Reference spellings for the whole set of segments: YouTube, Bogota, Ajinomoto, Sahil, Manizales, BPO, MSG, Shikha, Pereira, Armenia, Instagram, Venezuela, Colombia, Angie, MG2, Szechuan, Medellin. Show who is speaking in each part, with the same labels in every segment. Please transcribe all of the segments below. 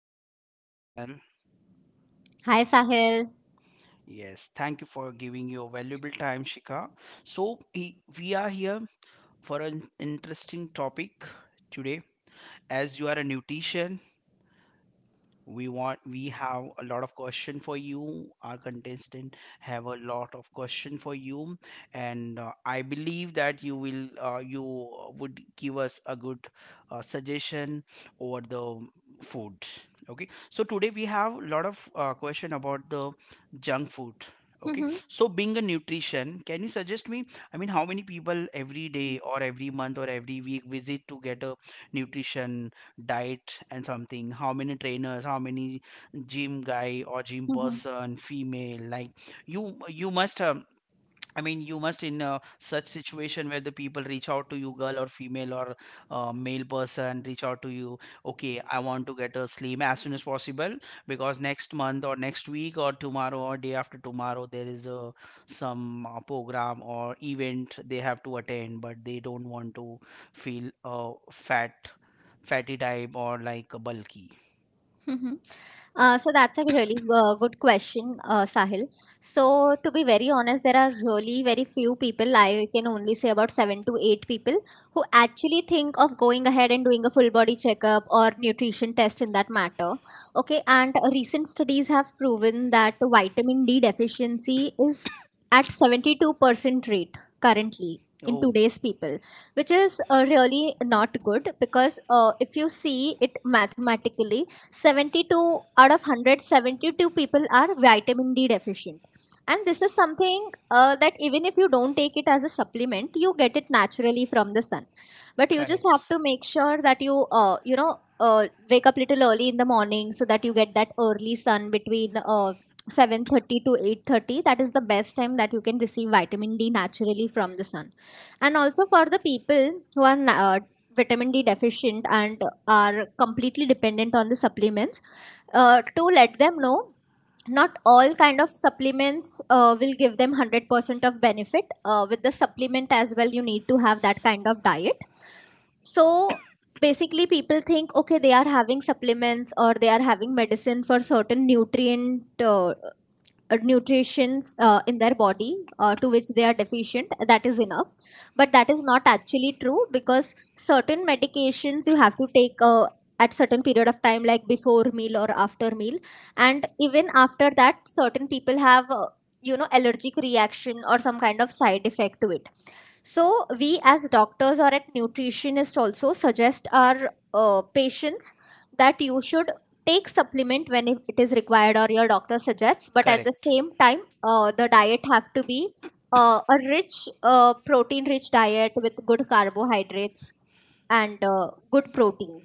Speaker 1: my podcast channel. Yes, thank you for giving your valuable time, Shika. So, we are here for an interesting topic today. As you are a nutrition, we have a lot of question for you, our contestant have a lot of question for you, and I believe that you would give us a good suggestion over the food. Okay, so today we have a lot of question about the junk food. Okay,
Speaker 2: Mhm.
Speaker 1: so being a nutrition, can you suggest me, I mean, how many people every day or every month or every week visit to get a nutrition diet and something? How many trainers, how many gym guy or gym
Speaker 2: Mhm.
Speaker 1: person, female, like, you must have, I mean, you must in such situation where the people reach out to you, girl or female or male person, reach out to you. Okay, I want to get a slim as soon as possible because next month or next week or tomorrow or day after tomorrow there is a some program or event they have to attend, but they don't want to feel fat, fatty type or like bulky.
Speaker 2: Mhm. So that's a really good question, Sahil. So to be very honest, there are really very few people. I can only say about 7 to 8 people who actually think of going ahead and doing a full body checkup or nutrition test in that matter. Okay, and recent studies have proven that vitamin D deficiency is at 72% rate currently in
Speaker 1: Oh.
Speaker 2: today's people, which is really not good because if you see it mathematically 72 out of 172 people are vitamin D deficient. And this is something that even if you don't take it as a supplement, you get it naturally from the sun. But you just
Speaker 1: Correct.
Speaker 2: have to make sure that you wake up little early in the morning so that you get that early sun between 7:30 to 8:30. That is the best time that you can receive vitamin d naturally from the sun. And also for the people who are vitamin D deficient and are completely dependent on the supplements, to let them know not all kind of supplements will give them 100% of benefit. Uh, with the supplement as well you need to have that kind of diet. So basically people think okay, they are having supplements or they are having medicine for certain nutrients in their body to which they are deficient, that is enough. But that is not actually true because certain medications you have to take at certain period of time, like before meal or after meal. And even after that certain people have allergic reaction or some kind of side effect to it. So, we as doctors or at nutritionist also suggest our patients that you should take supplement when it is required or your doctor suggests. But at the
Speaker 1: Correct.
Speaker 2: same time, the diet have to be a rich, protein-rich diet with good carbohydrates and good protein.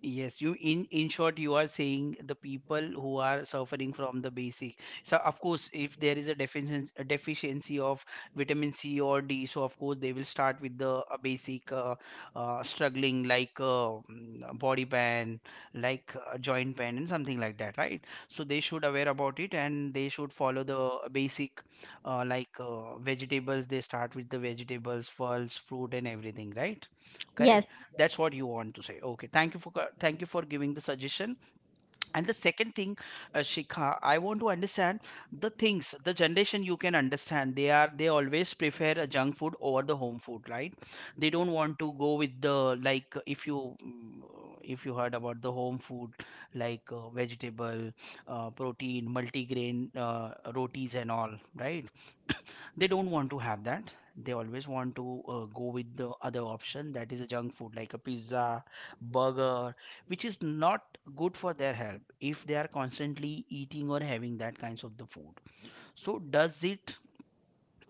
Speaker 1: Yes, you, in short, you are saying the people who are suffering from the basic. So of course, if there is a deficiency of vitamin C or D, so of course they will start with the basic, struggling, like body pain, like joint pain and something like that, right? So they should aware about it, and they should follow the basic, like vegetables. They start with the vegetables, fruits, fruit, and everything, right? Correct.
Speaker 2: Yes.
Speaker 1: That's what you want to say. Okay, thank you for thank you for giving the suggestion. And the second thing, Shikha, I want to understand the things. The generation, you can understand, they always prefer a junk food over the home food, right? They don't want to go with the, like, if you if you heard about the home food, like vegetable, protein, multigrain rotis and all, right? They don't want to have that. They always want to go with the other option, that is a junk food like a pizza, burger, which is not good for their health if they are constantly eating or having that kinds of the food. So does it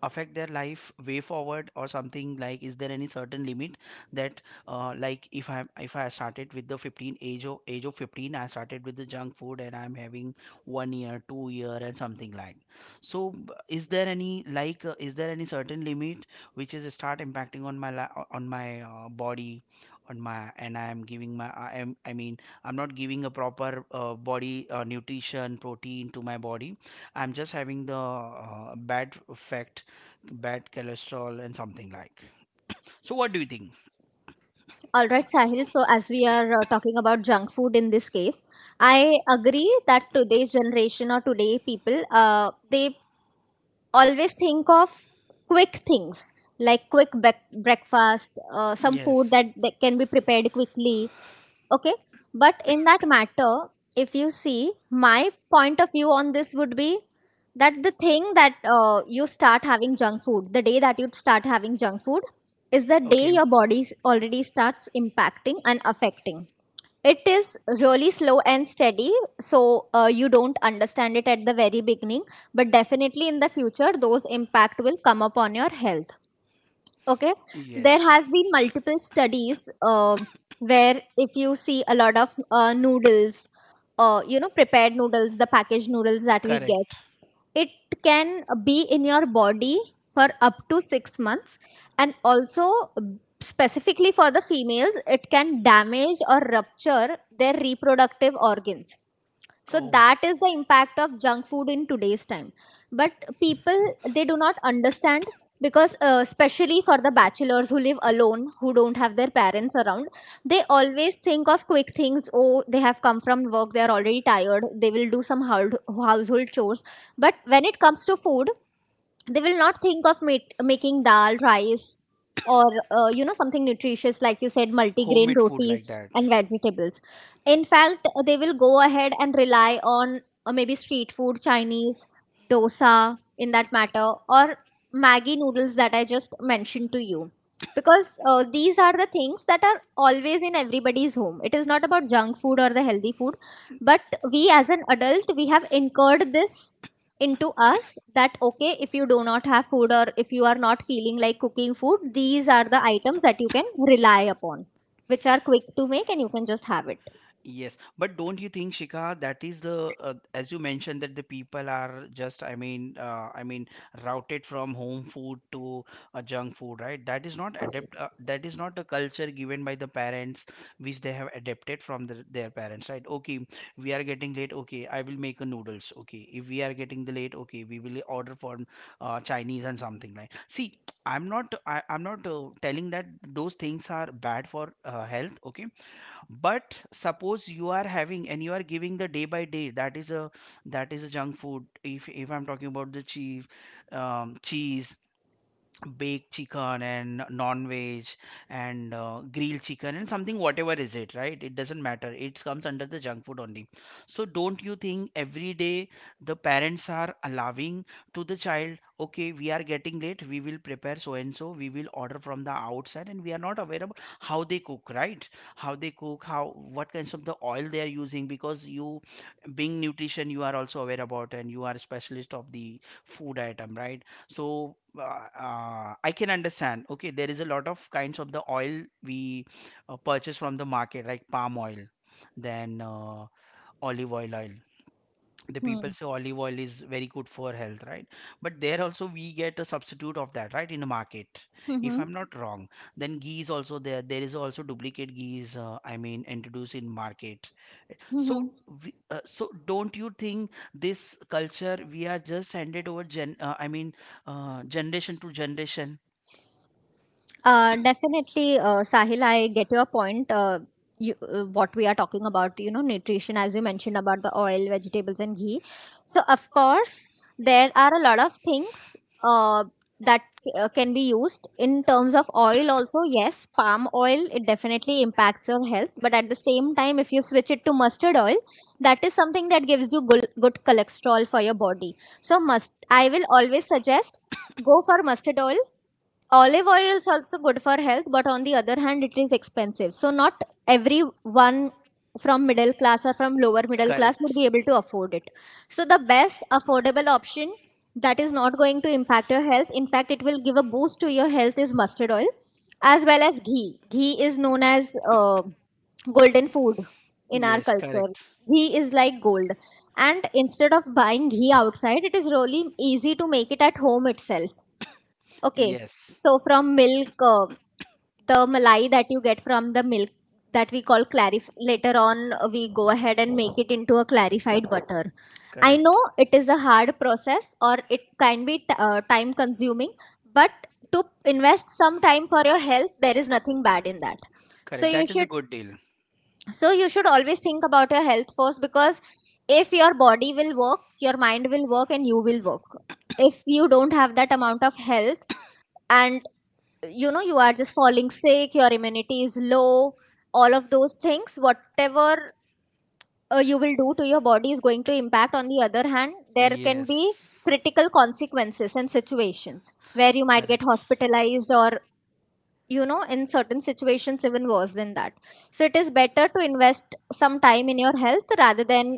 Speaker 1: affect their life way forward or something, like, is there any certain limit that, like, if I started with the 15 age of 15, I started with the junk food, and I'm having 1 year, 2 year, and something, like, so is there any, like, is there any certain limit which is start impacting on my body, on my and I am giving my I am I mean I'm not giving a proper body nutrition protein to my body. I'm just having the bad effect, bad cholesterol and something like. So what do you think?
Speaker 2: All right, Sahil. So, as we are talking about junk food in this case, I agree that today's generation or today people, they always think of quick things, like breakfast, some food
Speaker 1: Yes.
Speaker 2: that can be prepared quickly. Okay, but in that matter, if you see, my point of view on this would be that the thing that you start having junk food, the day that you start having junk food is the day
Speaker 1: Okay.
Speaker 2: your body already starts impacting and affecting. It is really slow and steady, so you don't understand it at the very beginning, but definitely in the future those impact will come upon your health. Okay, there
Speaker 1: Yes.
Speaker 2: has been multiple studies where if you see a lot of noodles, prepared noodles, the packaged noodles that we get,
Speaker 1: Correct.
Speaker 2: it can be in your body for up to 6 months. And also, specifically for the females, it can damage or rupture their reproductive organs. So
Speaker 1: Oh.
Speaker 2: that is the impact of junk food in today's time. But people, they do not understand because especially for the bachelors who live alone, who don't have their parents around, they always think of quick things. Oh, they have come from work, they are already tired, they will do some hard household chores, but when it comes to food, they will not think of making dal rice, or something nutritious like you said, multigrain
Speaker 1: Homemade food like
Speaker 2: rotis
Speaker 1: that.
Speaker 2: and vegetables. In fact, they will go ahead and rely on, maybe, street food, chinese, dosa in that matter, or maggi noodles that I just mentioned to you. Because these are the things that are always in everybody's home. It is not about junk food or the healthy food, but we as an adult, we have incurred this into us that okay, if you do not have food or if you are not feeling like cooking food, these are the items that you can rely upon, which are quick to make and you can just have it.
Speaker 1: Yes, but don't you think, Shika, that is the, as you mentioned, that the people are just, I mean, routed from home food to junk food, right? That is not adapt. That is not a culture given by the parents, which they have adapted from their parents, right? Okay, we are getting late. Okay, I will make a noodles. Okay, if we are getting the late, okay, we will order for Chinese and something like. See, I'm not. I'm not telling that those things are bad for health. Okay, but suppose you are having and you are giving the day by day, that is a junk food. If I'm talking about the cheese, baked chicken and non-veg and grilled chicken and something, whatever is it, right, it doesn't matter, it comes under the junk food only. So don't you think every day the parents are allowing to the child, okay, we are getting late, we will prepare so and so, we will order from the outside, and we are not aware about how they cook, right? How they cook, how, what kinds of the oil they are using? Because you, being nutrition, you are also aware about, and you are a specialist of the food item, right? So I can understand, okay, there is a lot of kinds of the oil we purchase from the market, like palm oil, then olive oil, the people
Speaker 2: Hmm.
Speaker 1: say olive oil is very good for health, right? But there also we get a substitute of that, right, in the market, if
Speaker 2: Mm-hmm.
Speaker 1: I'm not wrong. Then ghee is also there is also duplicate ghee, I mean, introduced in market. So
Speaker 2: Mm-hmm.
Speaker 1: so don't you think this culture we are just handed over, gen I mean, generation to generation.
Speaker 2: Definitely, Sahil, I get your point. What we are talking about, you know, nutrition, as you mentioned about the oil, vegetables, and ghee. So, of course, there are a lot of things uh, that can be used in terms of oil, also. Yes, palm oil, it definitely impacts your health, but at the same time, if you switch it to mustard oil, that is something that gives you good, good cholesterol for your body. So, must, I will always suggest go for mustard oil. Olive oil is also good for health, but on the other hand it is expensive, so not everyone from middle class or from lower middle
Speaker 1: Correct.
Speaker 2: class would be able to afford it. So the best affordable option that is not going to impact your health, in fact it will give a boost to your health, is mustard oil, as well as ghee. Ghee is known as golden food in our
Speaker 1: Yes.
Speaker 2: culture.
Speaker 1: Correct.
Speaker 2: Ghee is like gold, and instead of buying ghee outside, it is really easy to make it at home itself. Okay,
Speaker 1: Yes.
Speaker 2: so from milk, the malai that you get from the milk, that we call clarif. Later on, we go ahead and make it into a clarified butter. I know it is a hard process or it can be time consuming, but to invest some time for your health, there is nothing bad in that. So
Speaker 1: Correct.
Speaker 2: you
Speaker 1: That is a
Speaker 2: should
Speaker 1: good deal.
Speaker 2: so you should always think about your health first, because if your body will work, your mind will work and you will work. If you don't have that amount of health, and you know, you are just falling sick, your immunity is low, all of those things whatever you will do to your body is going to impact. On the other hand, there can be
Speaker 1: Yes.
Speaker 2: critical consequences and situations where you might get
Speaker 1: Correct.
Speaker 2: hospitalized, or you know, in certain situations even worse than that. So it is better to invest some time in your health rather than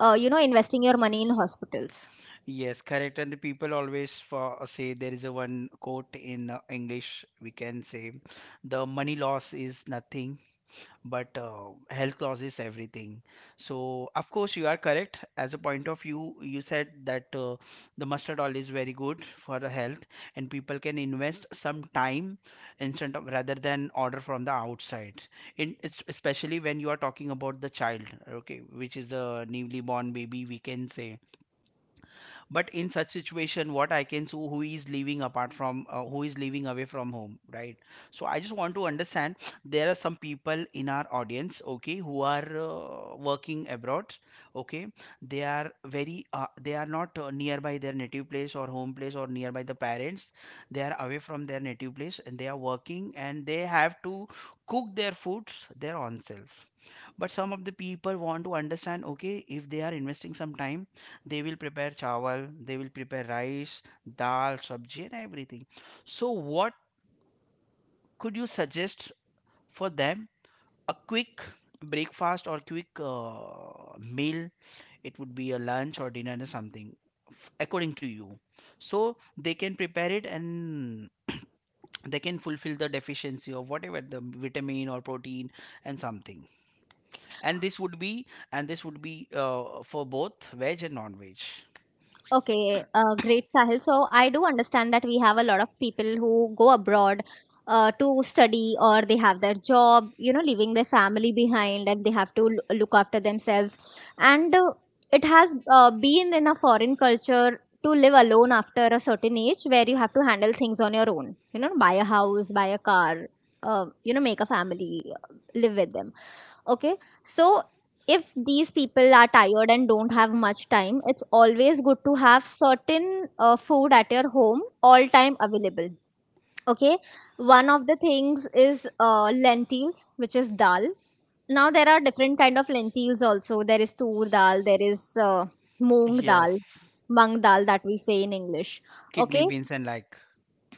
Speaker 2: investing your money in hospitals.
Speaker 1: Yes, correct. And the people always say there is a one quote in English, we can say the money loss is nothing, but health loss is everything. So of course you are correct. As a point of view, you said that, the mustard oil is very good for the health, and people can invest some time, instead of, rather than, order from the outside. In it's especially when you are talking about the child, okay, which is a newly born baby, we can say. But in such situation, what I can so who is living apart from who is living away from home, right? So I just want to understand, there are some people in our audience, okay, who are working abroad, okay. They are not nearby their native place or home place or nearby the parents. They are away from their native place, and they are working, and they have to cook their foods their own self. But some of the people want to understand, okay, if they are investing some time, they will prepare chawal, they will prepare rice, dal, sabji and everything. So what could you suggest for them? A quick breakfast or quick meal, it would be a lunch or dinner or something, according to you, so they can prepare it, and they can fulfill the deficiency of whatever, the vitamin or protein and something. And this would be for both veg and non-veg.
Speaker 2: Okay, great, Sahil. So I do understand that we have a lot of people who go abroad to study or they have their job, you know, leaving their family behind, and they have to look after themselves. And it has been in a foreign culture to live alone after a certain age where you have to handle things on your own, you know, buy a house, buy a car, you know, make a family, live with them. Okay, so if these people are tired and don't have much time, it's always good to have certain food at your home all time available. Okay, one of the things is lentils, which is dal. Now there are different kind of lentils also. There is tur dal, there is moong dal,
Speaker 1: Yes.
Speaker 2: mung dal that we say in english.
Speaker 1: Kidney
Speaker 2: Okay.
Speaker 1: beans and like.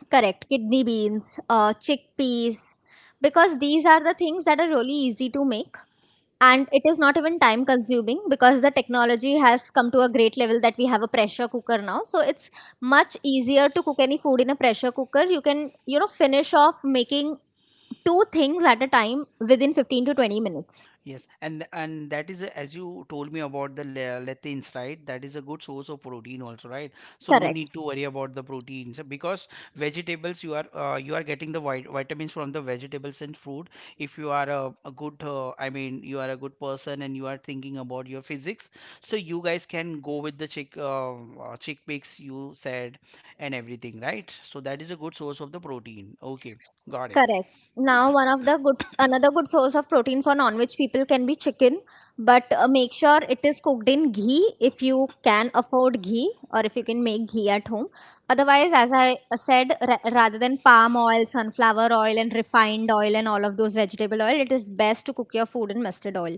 Speaker 2: Correct. Kidney beans, chickpeas, because these are the things that are really easy to make. And it is not even time consuming, because the technology has come to a great level that we have a pressure cooker now. So it's much easier to cook any food in a pressure cooker. You can, you know, finish off making two things at a time within 15 to 20 minutes.
Speaker 1: Yes, and as you told me about the lectins, right? That is a good source of protein also, right? So no
Speaker 2: Correct.
Speaker 1: need to worry about the proteins, because vegetables, you are getting the vitamins from the vegetables and fruit. If you are a good, I mean, you are a good person and you are thinking about your physics. So you guys can go with the chickpeas, you said, and everything, right? So that is a good source of the protein. Okay, got
Speaker 2: Correct. Now, one of the good, another good source of protein for non-veg people can be chicken, but make sure it is cooked in ghee if you can afford ghee, or if you can make ghee at home. Otherwise, as I said, rather than palm oil, sunflower oil, and refined oil and all of those vegetable oil, it is best to cook your food in mustard oil.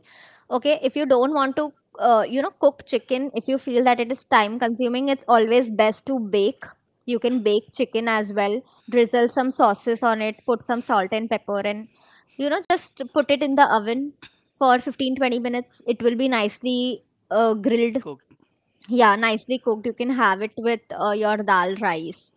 Speaker 2: Okay, if you don't want to, you know, cook chicken, if you feel that it is time consuming, it's always best to bake. You can bake chicken as well, drizzle some sauces on it, put some salt and pepper, and you know, just put it in the oven for 15 20 minutes. It will be nicely grilled.
Speaker 1: it.
Speaker 2: Yeah, nicely cooked. You can have it with your dal rice.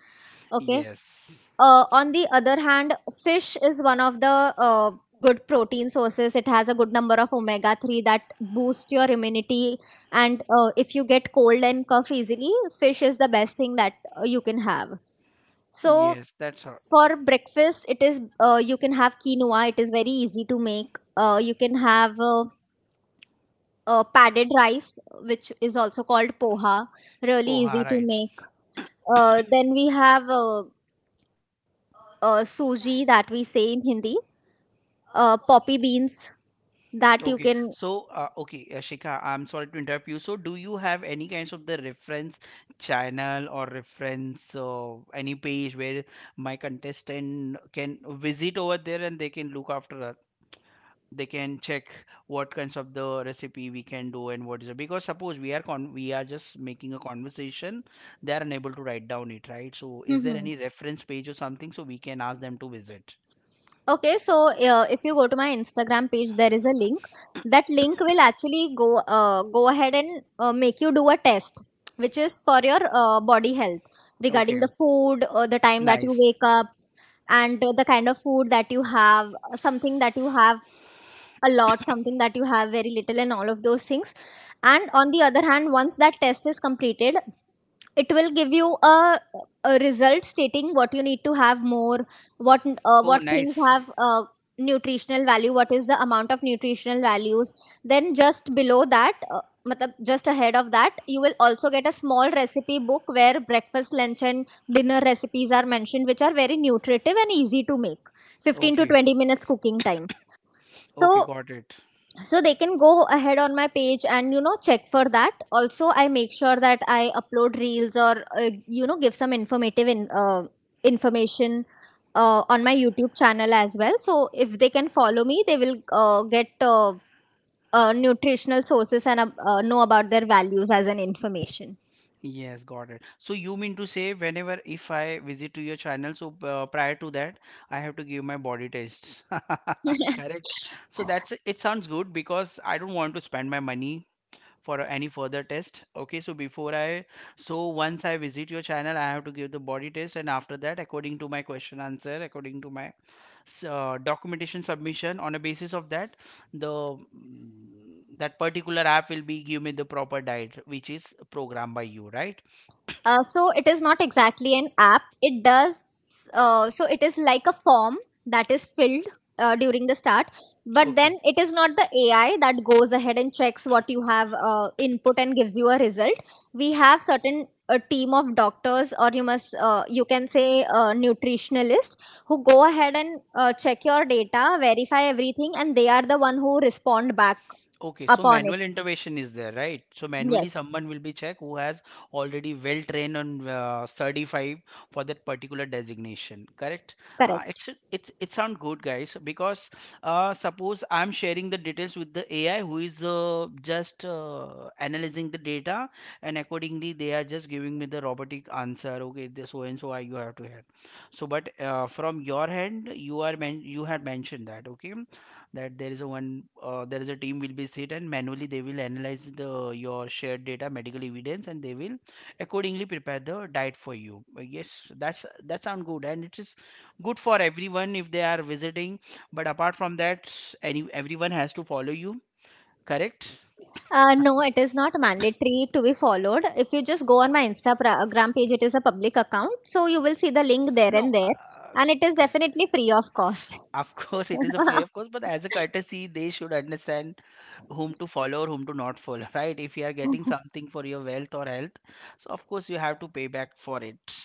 Speaker 2: Okay.
Speaker 1: Yes,
Speaker 2: On the other hand, fish is one of the good protein sources. It has a good number of omega 3 that boost your immunity. And if you get cold and cough easily, fish is the best thing that you can have. So
Speaker 1: yes, that's her.
Speaker 2: for breakfast, it is you can have quinoa. It is very easy to make. You can have padded rice, which is also called poha. Really
Speaker 1: Poha,
Speaker 2: easy to
Speaker 1: right.
Speaker 2: make. Then we have suji that we say in Hindi. Poppy beans that you
Speaker 1: Okay,
Speaker 2: can.
Speaker 1: so Shikha, I'm sorry to interrupt you. So do you have any kinds of the reference channel or reference any page where my contestant can visit over there and they can look after us? They can check what kinds of the recipe we can do and what is it. Because suppose we are just making a conversation, they are unable to write down it, right? So is there any reference page or something, so we can ask them to visit?
Speaker 2: If you go to my Instagram page, there is a link. That link will actually go ahead and make you do a test, which is for your body health regarding
Speaker 1: Okay.
Speaker 2: the food, the time that you
Speaker 1: Nice.
Speaker 2: wake up, and the kind of food that you have, something that you have a lot, something that you have very little, and all of those things. And on the other hand, once that test is completed, it will give you a result stating what you need to have more,
Speaker 1: Oh,
Speaker 2: what things
Speaker 1: nice.
Speaker 2: have nutritional value, what is the amount of nutritional values. Then just below that matlab just ahead of that you will also get a small recipe book where breakfast, lunch and dinner recipes are mentioned, which are very nutritive and easy to make. 15 to
Speaker 1: Okay.
Speaker 2: 20 minutes cooking time.
Speaker 1: Okay,
Speaker 2: so
Speaker 1: got it.
Speaker 2: so they can go ahead on my page and, you know, check for that. Also, I make sure that I upload reels or, you know, give some information on my YouTube channel as well. So if they can follow me, they will get nutritional sources and know about their values as an information.
Speaker 1: Yes, got it. So you mean to say whenever, if I visit to your channel, so prior to that, I have to give my body tests. Correct. So that's, it sounds good, because I don't want to spend my money for any further test. Okay, so before I so once I visit your channel, I have to give the body test, and after that, according to my question answer, according to my documentation submission on a basis of the mm, that particular app will be give me the proper diet which is programmed by you, right?
Speaker 2: So it is not exactly an app. It does, so it is like a form that is filled during the start, but then
Speaker 1: Okay.
Speaker 2: it is not the AI that goes ahead and checks what you have input and gives you a result. We have certain a team of doctors, or you must you can say nutritionalist, who go ahead and check your data, verify everything, and they are the one who respond back
Speaker 1: Okay, so
Speaker 2: upon it.
Speaker 1: manual intervention is there, right? So manually
Speaker 2: Yes.
Speaker 1: someone will be checked who has already well trained and certified for that particular designation, correct?
Speaker 2: Correct.
Speaker 1: It sound good, guys, because suppose I'm sharing the details with the AI who is just analyzing the data, and accordingly they are just giving me the robotic answer. Okay, this so and so you have to have. So, but from your hand, you had mentioned that, okay? That there is a team will be sit and manually they will analyze the your shared data medical evidence and they will accordingly prepare the diet for you. Yes, that sound good, and it is good for everyone if they are visiting, but apart from that, any everyone has to follow you, correct?
Speaker 2: No, it is not mandatory to be followed. If you just go on my Instagram page, it is a public account, so you will see the link there
Speaker 1: No,
Speaker 2: and there. And it is definitely free of cost.
Speaker 1: of course, it is a fair, of course, but as a courtesy, they should understand whom to follow or whom to not follow, right? If you are getting something for your wealth or health, so of course you have to pay back for it.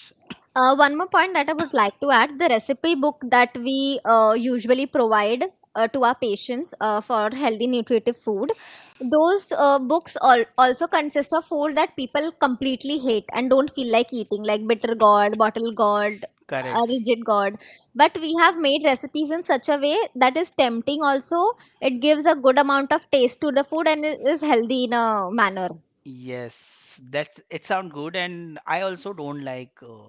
Speaker 2: One more point that I would like to add: the recipe book that we usually provide to our patients for healthy, nutritive food. Those books all, also consist of food that people completely hate and don't feel like eating, like bitter gourd, bottle gourd,
Speaker 1: Correct.
Speaker 2: rigid gourd. But we have made recipes in such a way that is tempting. Also, it gives a good amount of taste to the food and is healthy in a manner.
Speaker 1: Yes, that's it sound good, and I also don't like uh,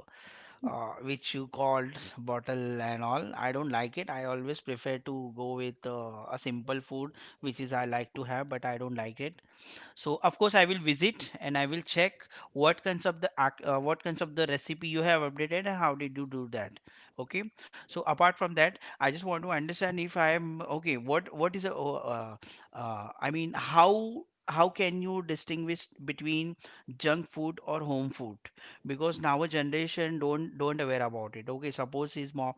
Speaker 1: uh, which you called bottle and all. I don't like it. I always prefer to go with a simple food which is I like to have, but I don't like it. So of course I will visit and I will check what kinds of the recipe you have updated and how did you do that, okay? So apart from that, I just want to understand if I am okay, what is a I mean, how can you distinguish between junk food or home food? Because now a generation don't aware about it, okay? Suppose his mom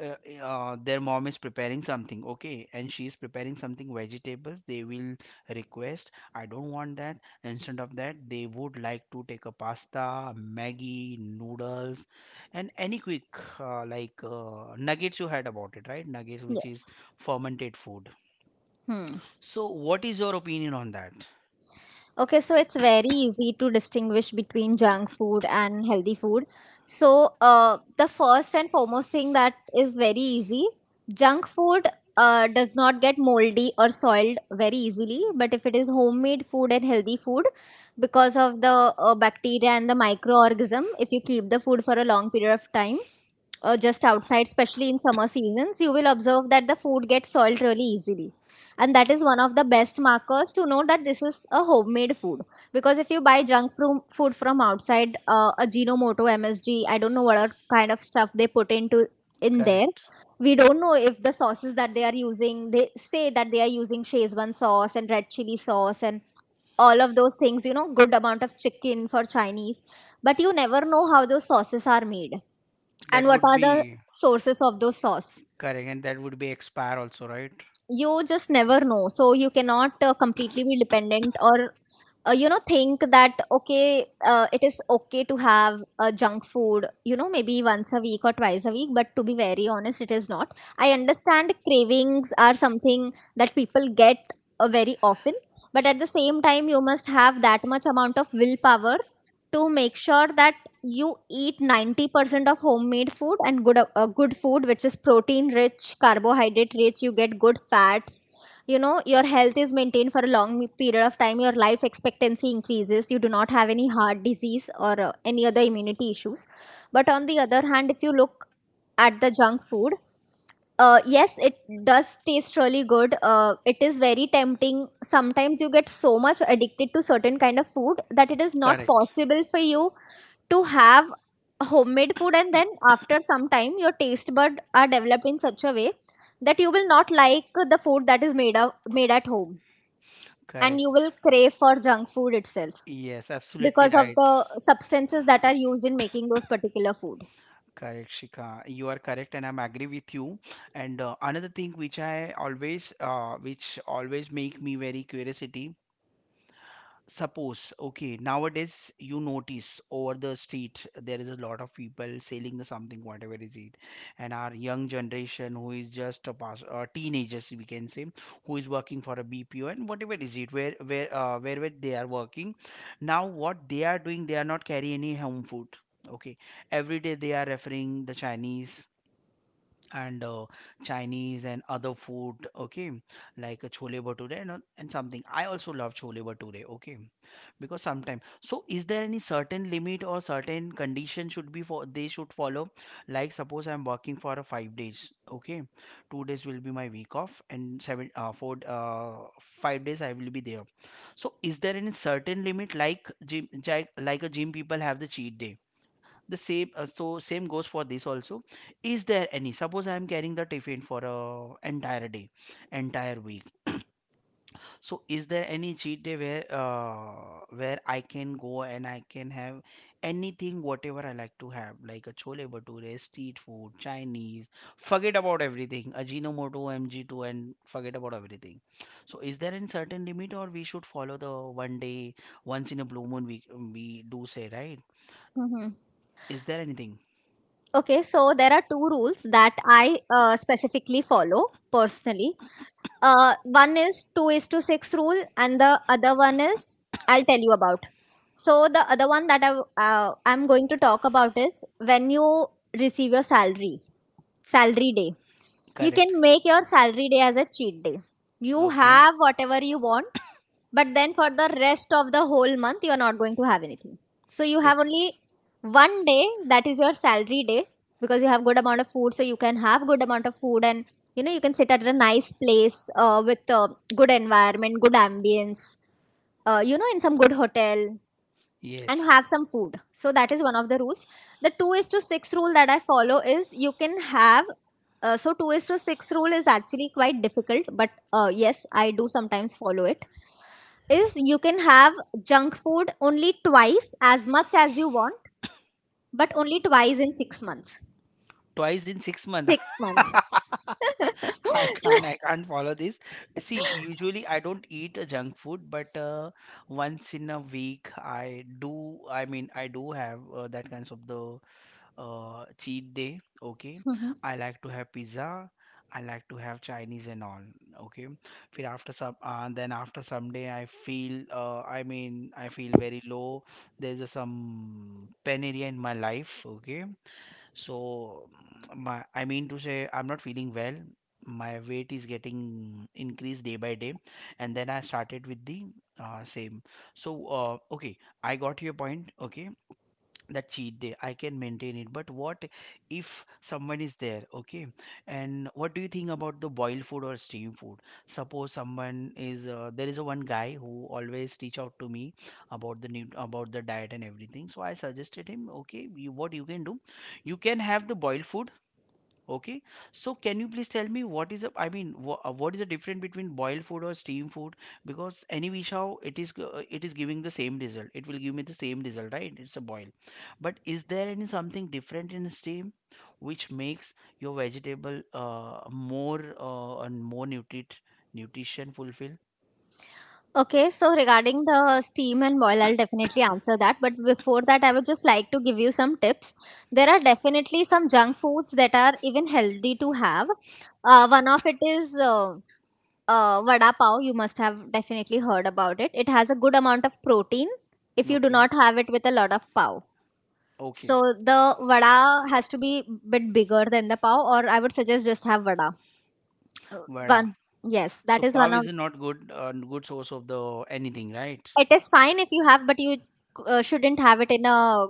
Speaker 1: uh, eh, uh, their mom is preparing something, okay, and she is preparing something vegetables, they will request, I don't want that. Instead of that, they would like to take a pasta, Maggie noodles, and any quick, like, nuggets you had about it, right? Nuggets, which is
Speaker 2: Yes.
Speaker 1: fermented food.
Speaker 2: Hmm.
Speaker 1: So what is your opinion on that?
Speaker 2: Okay, so it's very easy to distinguish between junk food and healthy food. So, the first and foremost thing that is very easy: junk food does not get moldy or soiled very easily. But if it is homemade food and healthy food, because of the bacteria and the microorganism, if you keep the food for a long period of time, just outside, especially in summer seasons, you will observe that the food gets soiled really easily. And that is one of the best markers to know that this is a homemade food. Because if you buy food from outside, Ajinomoto, MSG, I don't know what are kind of stuff they put into in there.
Speaker 1: Correct.
Speaker 2: We don't know if the sauces that they are using, they say that they are using Szechuan sauce and red chili sauce and all of those things, you know, good amount of chicken for Chinese. But you never know how those sauces are made and
Speaker 1: That
Speaker 2: what
Speaker 1: would
Speaker 2: are the
Speaker 1: be.
Speaker 2: sources of those sauce.
Speaker 1: Correct, and that would be expire also, right?
Speaker 2: You just never know. So you cannot completely be dependent, or, you know, think that, okay, it is okay to have junk food, you know, maybe once a week or twice a week. But to be very honest, it is not. I understand cravings are something that people get very often, but at the same time, you must have that much amount of willpower to make sure that you eat 90% of homemade food and good food, which is protein rich, carbohydrate rich, you get good fats. You know, your health is maintained for a long period of time, your life expectancy increases, you do not have any heart disease or any other immunity issues. But on the other hand, if you look at the junk food, yes, it does taste really good. It is very tempting. Sometimes you get so much addicted to certain kind of food that it is not
Speaker 1: Correct.
Speaker 2: possible for you to have homemade food, and then after some time, your taste buds are developed in such a way that you will not like the food that is made of, made at home, and you
Speaker 1: Correct.
Speaker 2: will crave for junk food itself
Speaker 1: Yes, absolutely
Speaker 2: because of
Speaker 1: right.
Speaker 2: the substances that are used in making those particular food.
Speaker 1: Correct, Shika. You are correct, and I'm agree with you. And another thing which which always make me very curiosity. Suppose, okay, nowadays you notice over the street there is a lot of people selling the something, whatever is it, and our young generation who is just a pass, teenagers we can say, who is working for a BPO and whatever is it, wherever they are working, now what they are doing, they are not carrying any home food. Okay, every day they are referring the Chinese and Chinese and other food, okay, like a chole bhature and something. I also love chole bhature, okay, because sometimes. So, is there any certain limit or certain condition should be for they should follow? Like suppose I'm working for a 5 days, okay, 2 days will be my week off, and seven four 5 days I will be there. So, is there any certain limit like gym, like a gym people have the cheat day? The same So same goes for this also. Is there any Suppose I am carrying the tiffin for a entire day, entire week. So is there any cheat day where I can go and I can have anything whatever I like to have, like a chole bhature, street food, Chinese, forget about everything, Ajinomoto, MG2, and forget about everything. So is there any certain limit, or we should follow the one day, once in a blue moon we do say, right? Is there anything?
Speaker 2: Okay, so there are two rules that I specifically follow personally. One is 2 is to 6 rule, and the other one is I'll tell you about. So the other one that I'm going to talk about is when you receive your salary, salary day. You can
Speaker 1: Correct.
Speaker 2: make your salary day as a cheat day. You
Speaker 1: Okay.
Speaker 2: have whatever you want, but then for the rest of the whole month, you are not going to have anything. So you
Speaker 1: It
Speaker 2: have only 1 day that is your salary day, because you have good amount of food, so you can have good amount of food, and, you know, you can sit at a nice place with good environment, good ambience. You know, in some good hotel and
Speaker 1: Yes.
Speaker 2: have some food. So that is one of the rules. The 2 is to 6 rule that I follow is you can have, so 2 is to 6 rule is actually quite difficult, but yes, I do sometimes follow it, is you can have junk food only twice as much as you want, but only twice in 6 months.
Speaker 1: Twice in 6 months.
Speaker 2: 6 months.
Speaker 1: I can't follow this. See, usually I don't eat a junk food, but once in a week I do. I mean, I do have that kinds of the cheat day. Okay, I like to have pizza. I like to have Chinese and all. Okay, फिर then after some day I mean, I feel very low. There's some pain area in my life. Okay, so I mean to say, I'm not feeling well. My weight is getting increased day by day, and then I started with the same. So, okay, I got your point. Okay, that cheat day I can maintain it, but what if someone is there, okay? And what do you think about the boiled food or steamed food? Suppose someone is there is a one guy who always reach out to me about the new about the diet and everything. So I suggested him, okay, what you can do, you can have the boiled food. Okay, so can you please tell me what is a? I mean, what is the difference between boiled food or steamed food? Because any which how it is, it is giving the same result. It will give me the same result, right? It's a boil. But is there any something different in steam which makes your vegetable more, and more nutrition fulfill?
Speaker 2: Okay, so regarding the steam and boil, I'll definitely answer that. But before that, I would just like to give you some tips. There are definitely some junk foods that are even healthy to have. One of it is vada pav. You must have definitely heard about it. It has a good amount of protein if you do
Speaker 1: Okay,
Speaker 2: not have it with a lot of pav.
Speaker 1: okay,
Speaker 2: So the vada has to be bit bigger than the pav, or I would suggest just have vada.
Speaker 1: vada.
Speaker 2: One, yes,
Speaker 1: So
Speaker 2: that is one
Speaker 1: pav
Speaker 2: of
Speaker 1: is not good source of the anything, right?
Speaker 2: it. Is fine if you have, but you shouldn't have it in a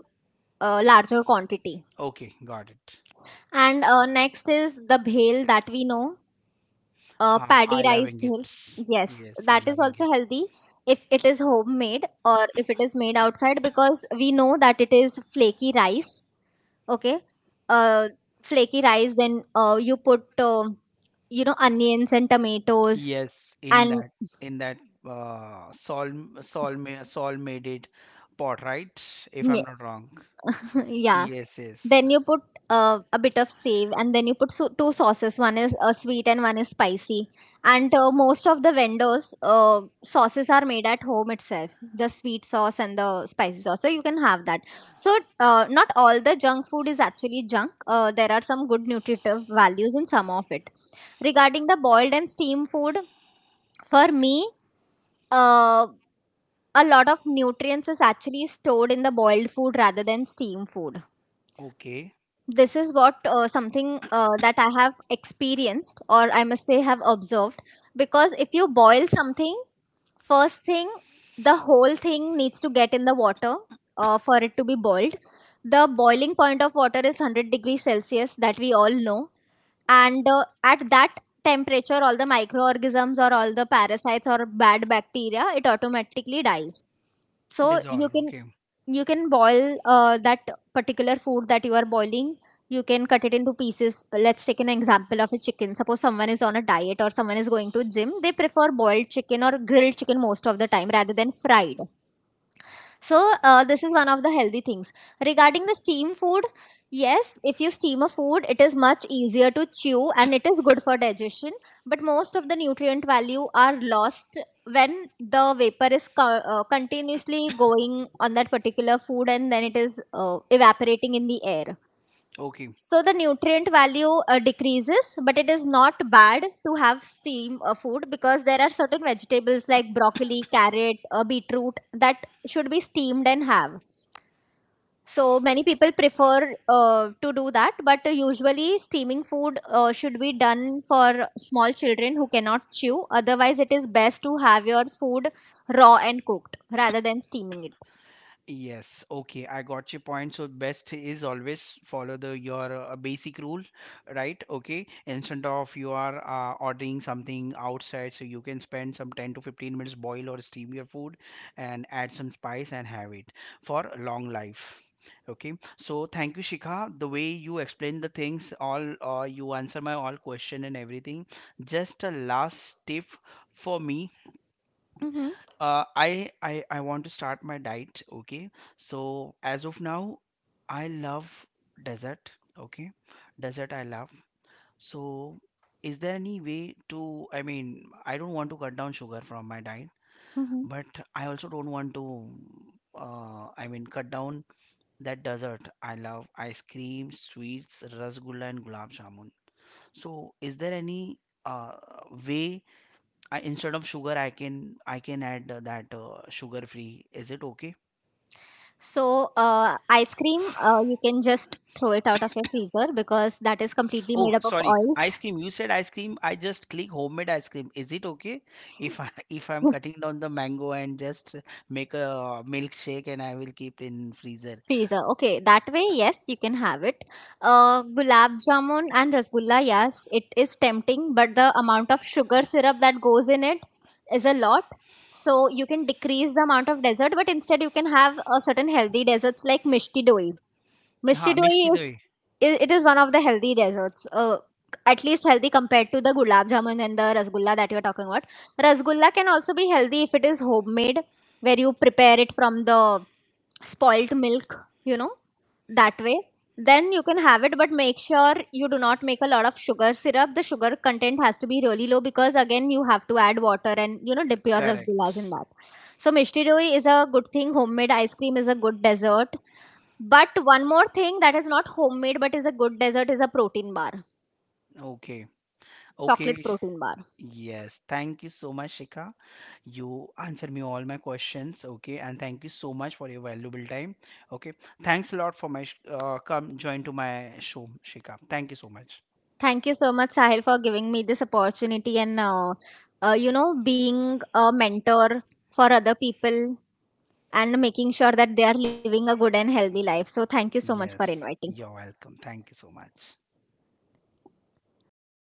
Speaker 2: larger quantity.
Speaker 1: Okay, got it.
Speaker 2: And next is the bhel that we know,
Speaker 1: Ha, I
Speaker 2: paddy rice
Speaker 1: loving
Speaker 2: bhel.
Speaker 1: it.
Speaker 2: Yes,
Speaker 1: Yes, I
Speaker 2: that is
Speaker 1: loving it.
Speaker 2: also healthy if it is homemade or if it is made outside, because we know that it is flaky rice. Okay. uh, Flaky rice, then you put, you know, onions and tomatoes
Speaker 1: Yes, in that
Speaker 2: and
Speaker 1: in that uh, Saul Saul made it pot, right? If I'm not wrong.
Speaker 2: yeah,
Speaker 1: Yes, yes.
Speaker 2: then you put a bit of save, and then you put two sauces, one is sweet and one is spicy. And most of the vendors sauces are made at home itself, the sweet sauce and the spicy sauce, so you can have that. So, not all the junk food is actually junk. There are some good nutritive values in some of it. Regarding the boiled and steam food, for me, uh, a lot of nutrients is actually stored in the boiled food rather than steam food.
Speaker 1: Okay.
Speaker 2: This is what something that I have experienced, or I must say have observed. Because if you boil something, first thing, the whole thing needs to get in the water for it to be boiled. The boiling point of water is 100 degrees Celsius, that we all know. And at that temperature all the microorganisms or all the parasites or bad bacteria, it automatically dies. so you
Speaker 1: Dissolve.
Speaker 2: can
Speaker 1: Okay.
Speaker 2: you can boil that particular food that you are boiling. You can cut it into pieces. Let's take an example of a chicken. Suppose someone is on a diet or someone is going to gym, they prefer boiled chicken or grilled chicken most of the time rather than fried. So, this is one of the healthy things. Regarding the steam food, yes, if you steam a food, it is much easier to chew and it is good for digestion. But most of the nutrient value are lost when the vapor is continuously going on that particular food, and then it is evaporating in the air.
Speaker 1: Okay.
Speaker 2: So the nutrient value decreases, but it is not bad to have steam food, because there are certain vegetables like broccoli, carrot, beetroot that should be steamed and have. So many people prefer to do that, but usually steaming food should be done for small children who cannot chew. Otherwise it is best to have your food raw and cooked rather than steaming it.
Speaker 1: Yes, okay, I got your point. So best is always follow the your basic rule, right? Okay, instead of you are ordering something outside, so you can spend some 10 to 15 minutes boil or steam your food, and add some spice and have it for a long life. Okay, so thank you, Shikha. The way you explain the things, all you answer my all question and everything. Just a last tip for me.
Speaker 2: Hmm.
Speaker 1: I want to start my diet. Okay, so as of now, I love desert. Okay, desert I love. So, is there any way to? I mean, I don't want to cut down sugar from my diet, but I also don't want to. I mean, cut down that dessert. I love ice cream, sweets, rasgulla, and gulab jamun. So, is there any uh, way, instead of sugar, I can add that sugar free. Is it okay?
Speaker 2: So, ice cream, you can just throw it out of your freezer, because that is completely
Speaker 1: Oh,
Speaker 2: made up of
Speaker 1: sorry, ice
Speaker 2: oils.
Speaker 1: cream. You said ice cream. I just click homemade ice cream. Is it okay if I if I'm cutting down the mango and just make a milkshake and I will keep in freezer?
Speaker 2: Freezer. Okay, that way, yes, you can have it. Gulab jamun and rasgulla, yes, it is tempting, but the amount of sugar syrup that goes in it is a lot. So you can decrease the amount of dessert, but instead you can have a certain healthy desserts like mishti doi.
Speaker 1: Ha,
Speaker 2: Mistidoi
Speaker 1: mishti
Speaker 2: is,
Speaker 1: dahi.
Speaker 2: it is one of the healthy desserts. At least healthy compared to the gulab jamun and the rasgulla that you are talking about. Rasgulla can also be healthy if it is homemade, where you prepare it from the spoilt milk. You know, that way. Then you can have it, but make sure you do not make a lot of sugar syrup. The sugar content has to be really low, because again you have to add water and, you know, dip your rasgullas in
Speaker 1: Correct.
Speaker 2: that. So mishti doi is a good thing. Homemade ice cream is a good dessert, but one more thing that is not homemade but is a good dessert is a protein bar,
Speaker 1: Okay.
Speaker 2: chocolate
Speaker 1: Okay.
Speaker 2: protein bar.
Speaker 1: Yes. Thank you so much, Shika. You answer me all my questions, okay? And thank you so much for your valuable time, okay? Thanks a lot for come join to my show, Shika. Thank you so much.
Speaker 2: Thank you so much, Sahil, for giving me this opportunity and, you know, being a mentor for other people and making sure that they are living a good and healthy life. So thank you so much for
Speaker 1: Yes,
Speaker 2: inviting.
Speaker 1: you're welcome. Thank you so much.